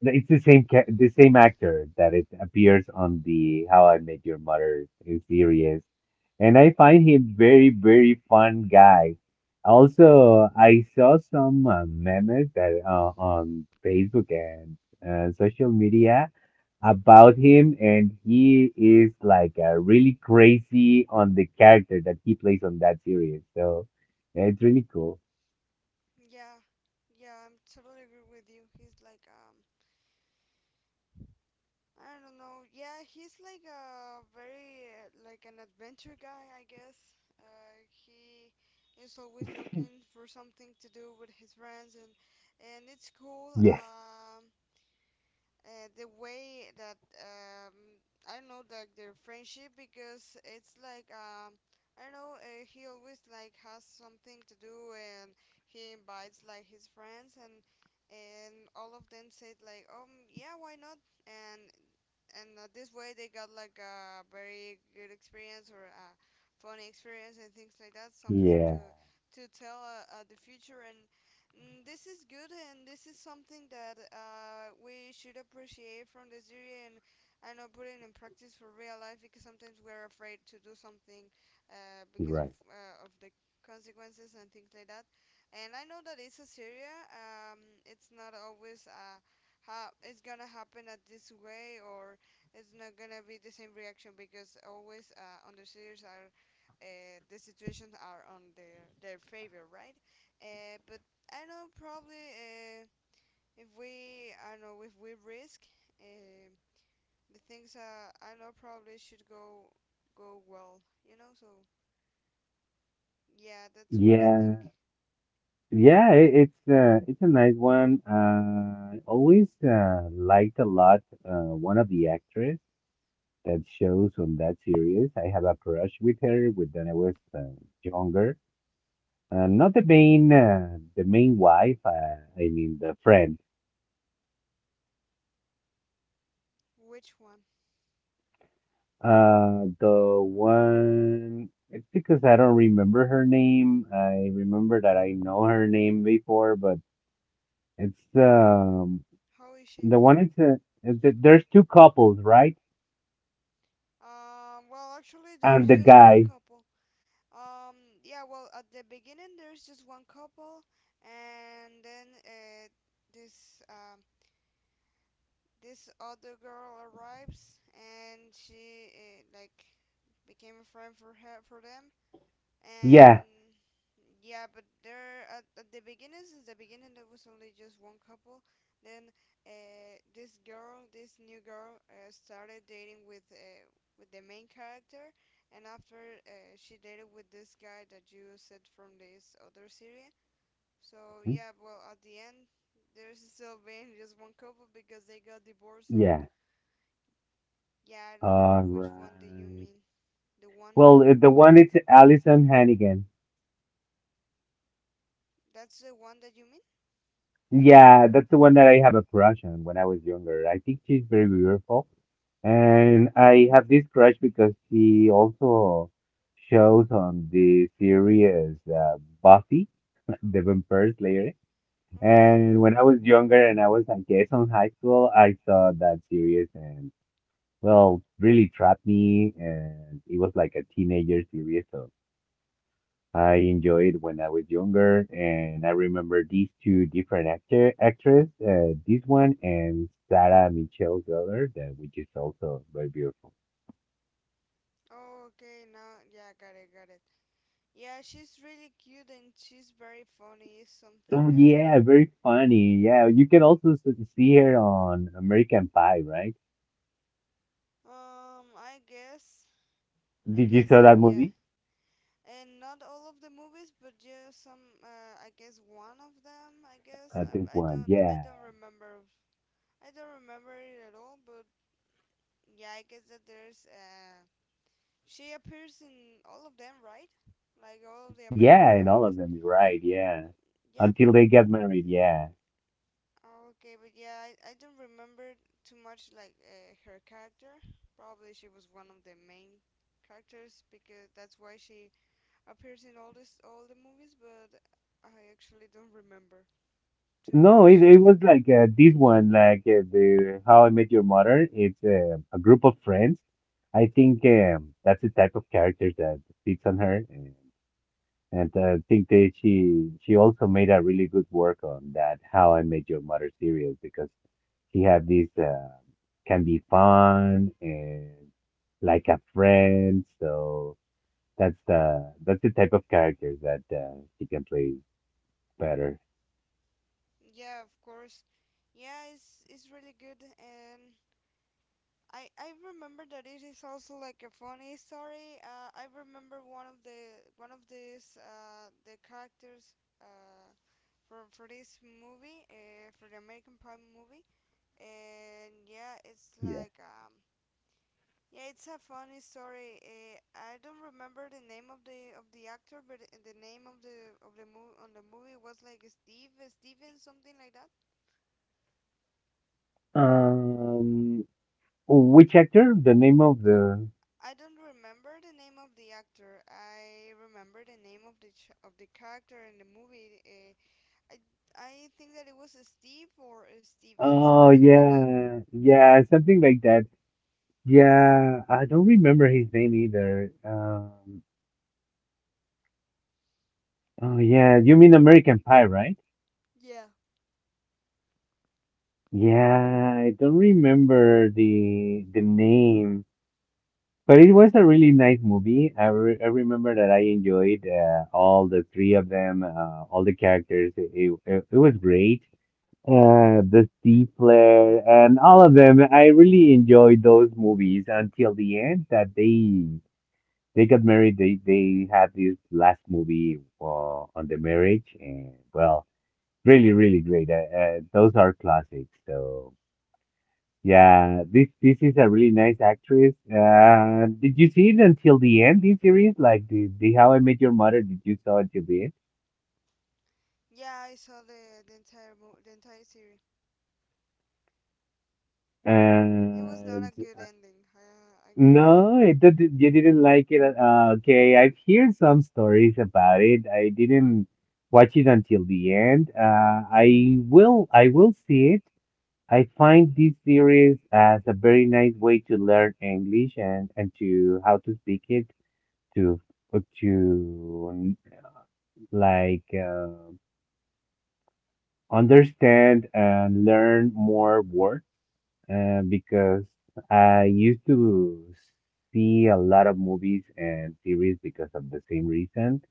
S1: it's the same the same actor that it appears on the How I Met Your Mother series, and I find him very very fun guy. Also, I saw some memes that on Facebook and social media about him, and he is like really crazy on the character that he plays on that series. So yeah, it's really cool.
S2: Yeah. Yeah. I'm totally agree with you. He's like I don't know. Yeah, he's like a very like an adventure guy, I guess. He is always looking for something to do with his friends, and it's cool.
S1: Yes.
S2: The way that I don't know, like their friendship because it's like I don't know, he always like has something to do, and he invites like his friends, and all of them said like, yeah, why not, and and this way they got like a very good experience or a funny experience and things like that, something
S1: Yeah.
S2: to tell the future. And this is good, and this is something that we should appreciate from the theory, and I know, put it in practice for real life because sometimes we're afraid to do something uh,
S1: You're
S2: because of
S1: right.
S2: uh, of the consequences and things like that. And I know that it's a Syria. It's not always how it's gonna happen at this way, or it's not gonna be the same reaction because always on the series are the situations are on their favor, right? But I know probably if we I don't know if we risk uh, the things, I know probably should go well, you know. So yeah, that's what I
S1: Yeah.
S2: think.
S1: Yeah, i- it's a nice one. I always liked a lot one of the actress that shows on that series. I have a crush with her with when I was younger. Not the main the main wife. I mean the friend.
S2: Which one?
S1: The one. It's because I don't remember her name. I remember that I know her name before, but it's
S2: How is she?
S1: the one. It's there's two couples, right?
S2: Well, actually,
S1: And
S2: there's
S1: the
S2: just one
S1: guy,
S2: couple. um yeah, well, at the beginning there's just one couple, and then this um this other girl arrives, and she like became a friend for her, for them.
S1: yeah,
S2: And yeah, but there at the beginning, since the beginning, there was only just one couple. Then this new girl started dating with the main character, and after she dated with this guy that you said from this other series. So yeah, well, at the end there's still been just one couple because they got divorced. So
S1: yeah,
S2: yeah, I don't know
S1: all
S2: which one did you
S1: right.
S2: mean. The one
S1: Well,
S2: who,
S1: the one it's Allison Hannigan.
S2: that's the one that you mean.
S1: Yeah, that's the one that I have a crush on when I was younger. I think she's very beautiful, and I have this crush because she also shows on the series Buffy, the Vampire Slayer.
S2: Okay.
S1: And when I was younger, and I was, I guess, on high school, I saw that series, and. Well, really trapped me, and it was like a teenager series, so I enjoyed when I was younger, and I remember these two different actor actress, this one and Sarah Michelle Gellar, that which is also very beautiful.
S2: Oh, okay, now, yeah, got it, got it. Yeah, she's really cute and she's very funny. Is something
S1: So
S2: that,
S1: yeah, very funny. Yeah, you can also see her on American Pie, right?
S2: I guess,
S1: Did you saw
S2: so,
S1: that
S2: yeah.
S1: movie?
S2: And not all of the movies, but just some, I guess one of them.
S1: I think one.
S2: I
S1: Yeah,
S2: don't remember. I don't remember it at all. But yeah, I guess that there's, she appears in all of them, right? Like all of the American
S1: yeah, and
S2: Pie
S1: all of
S2: movies.
S1: them, right? Yeah,
S2: Yeah, but
S1: until they get married. Yeah.
S2: oh, okay, but yeah, I don't remember too much like her character. Probably she was one of the main characters because that's why she appears in all the movies, but I actually don't remember too
S1: No,
S2: much.
S1: it was like this one, like the How I Met Your Mother. It's a group of friends. I think that's the type of character that fits on her, and I think that she also made a really good work on that How I Met Your Mother series because she had this can be fun and like a friend. So that's the type of character that she can play better.
S2: Yeah, of course. Yeah, it's really good, and I remember that it is also like a funny story. I remember one of these the characters. For for this movie, for the American Pie movie, and yeah, it's
S1: Yeah.
S2: like yeah, it's a funny story. I don't remember the name of the actor, but the name of the movie on the movie was like Steven something like that.
S1: Um, which actor? The name of the.
S2: I don't remember the name of the actor. I remember the name of of the character in the movie. I I think that it was Steve or Steven
S1: Oh,
S2: something like that.
S1: yeah. Yeah, something like that. Yeah, I don't remember his name either. Oh, yeah. You mean American Pie, right?
S2: Yeah.
S1: Yeah, I don't remember the name, but it was a really nice movie. I remember that I enjoyed all the three of them, all the characters. It was great. The Sea Flare, and all of them. I really enjoyed those movies until the end that they got married. They had this last movie on the marriage, and well, really really great. Those are classics. So yeah, this is a really nice actress. Did you see it until the end? This series, like the How I Met Your Mother, did you saw until the
S2: Yeah, I saw the entire the entire series. It was not
S1: end?
S2: a good ending.
S1: No, you didn't like it. Okay, I've heard some stories about it. I didn't watch it until the end. I will see it. I find this series as a very nice way to learn English and to how to speak it to to like understand and learn more words because I used to see a lot of movies and series because of the same reason.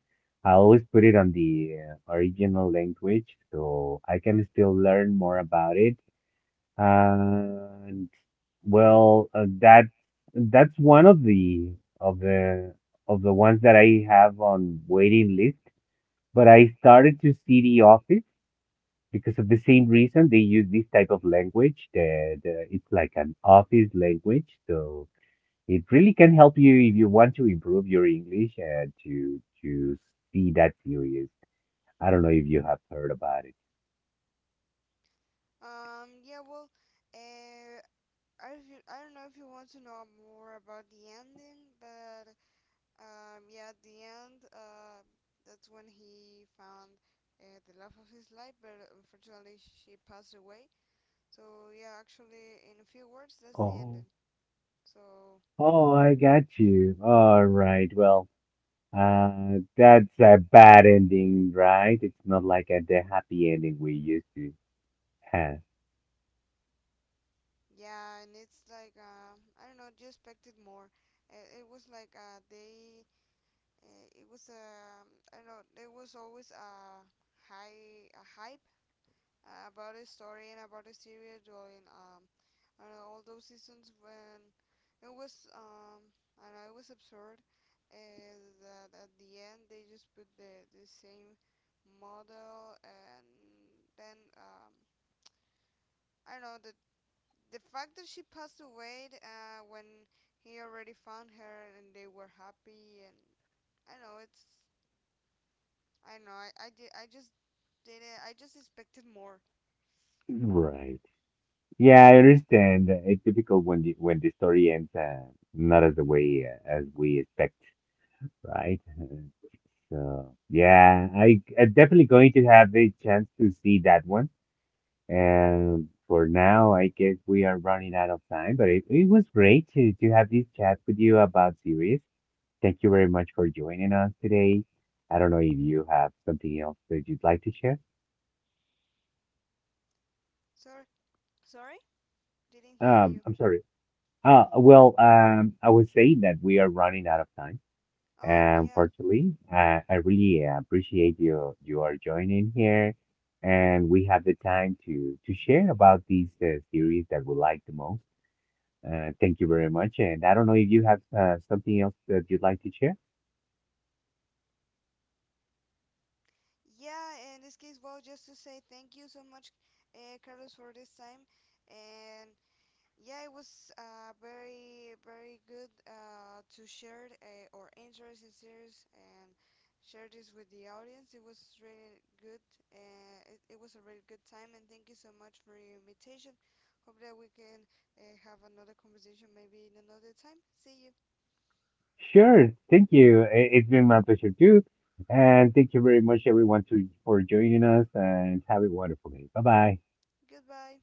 S1: I always put it on the original language so I can still learn more about it. And well, that's one of the of the of the ones that I have on waiting list. But I started to see The Office because of the same reason they use this type of language that it's like an office language so it really can help you if you want to improve your english and to see that series. I don't know if you have heard about it.
S2: Yeah, well, uh, I don't know if you want to know more about the ending, but yeah, at the end, that's when he found the love of his life, but unfortunately she passed away. So yeah, actually, in a few words, that's the
S1: Oh,
S2: ending. So
S1: oh, I got you. All right, well, that's a bad ending, right? It's not like a, the happy ending we used to have,
S2: yeah, and it's like I don't know, you expected more. It it, was like they it was I don't know, there was always a hype about the story and about the series during I don't know, all those seasons when it was I don't know, it was absurd that at the end they just put the same model, and then I don't know, the fact that she passed away when he already found her, and they were happy, and I don't know, it's I don't know. I, did, I just did it. I just expected more.
S1: right? Yeah, I understand. It's difficult when the story ends not as the way as we expect, right? So yeah, I I'm definitely going to have the chance to see that one. And for now, I guess we are running out of time, but it was great to have this chat with you about series. Thank you very much for joining us today. I don't know if you have something else that you'd like to share.
S2: Sorry. Sorry? Didn't hear you.
S1: I'm sorry. Well, I was saying that we are running out of time.
S2: Oh
S1: And
S2: yeah.
S1: fortunately, I really appreciate you are joining here, and we have the time to share about these series that we like the most. Thank you very much, and I don't know if you have something else that you'd like to share.
S2: Yeah, in this case, well, just to say thank you so much, Carlos, for this time, and yeah, it was very, very good to share our interesting series and share this with the audience. It was really good. It it was a really good time, and thank you so much for your invitation. Hope that we can have another conversation maybe in another time. See you.
S1: Sure, thank you. It's been my pleasure too, and thank you very much, everyone, to for joining us, and have a wonderful day. Bye bye.
S2: Goodbye.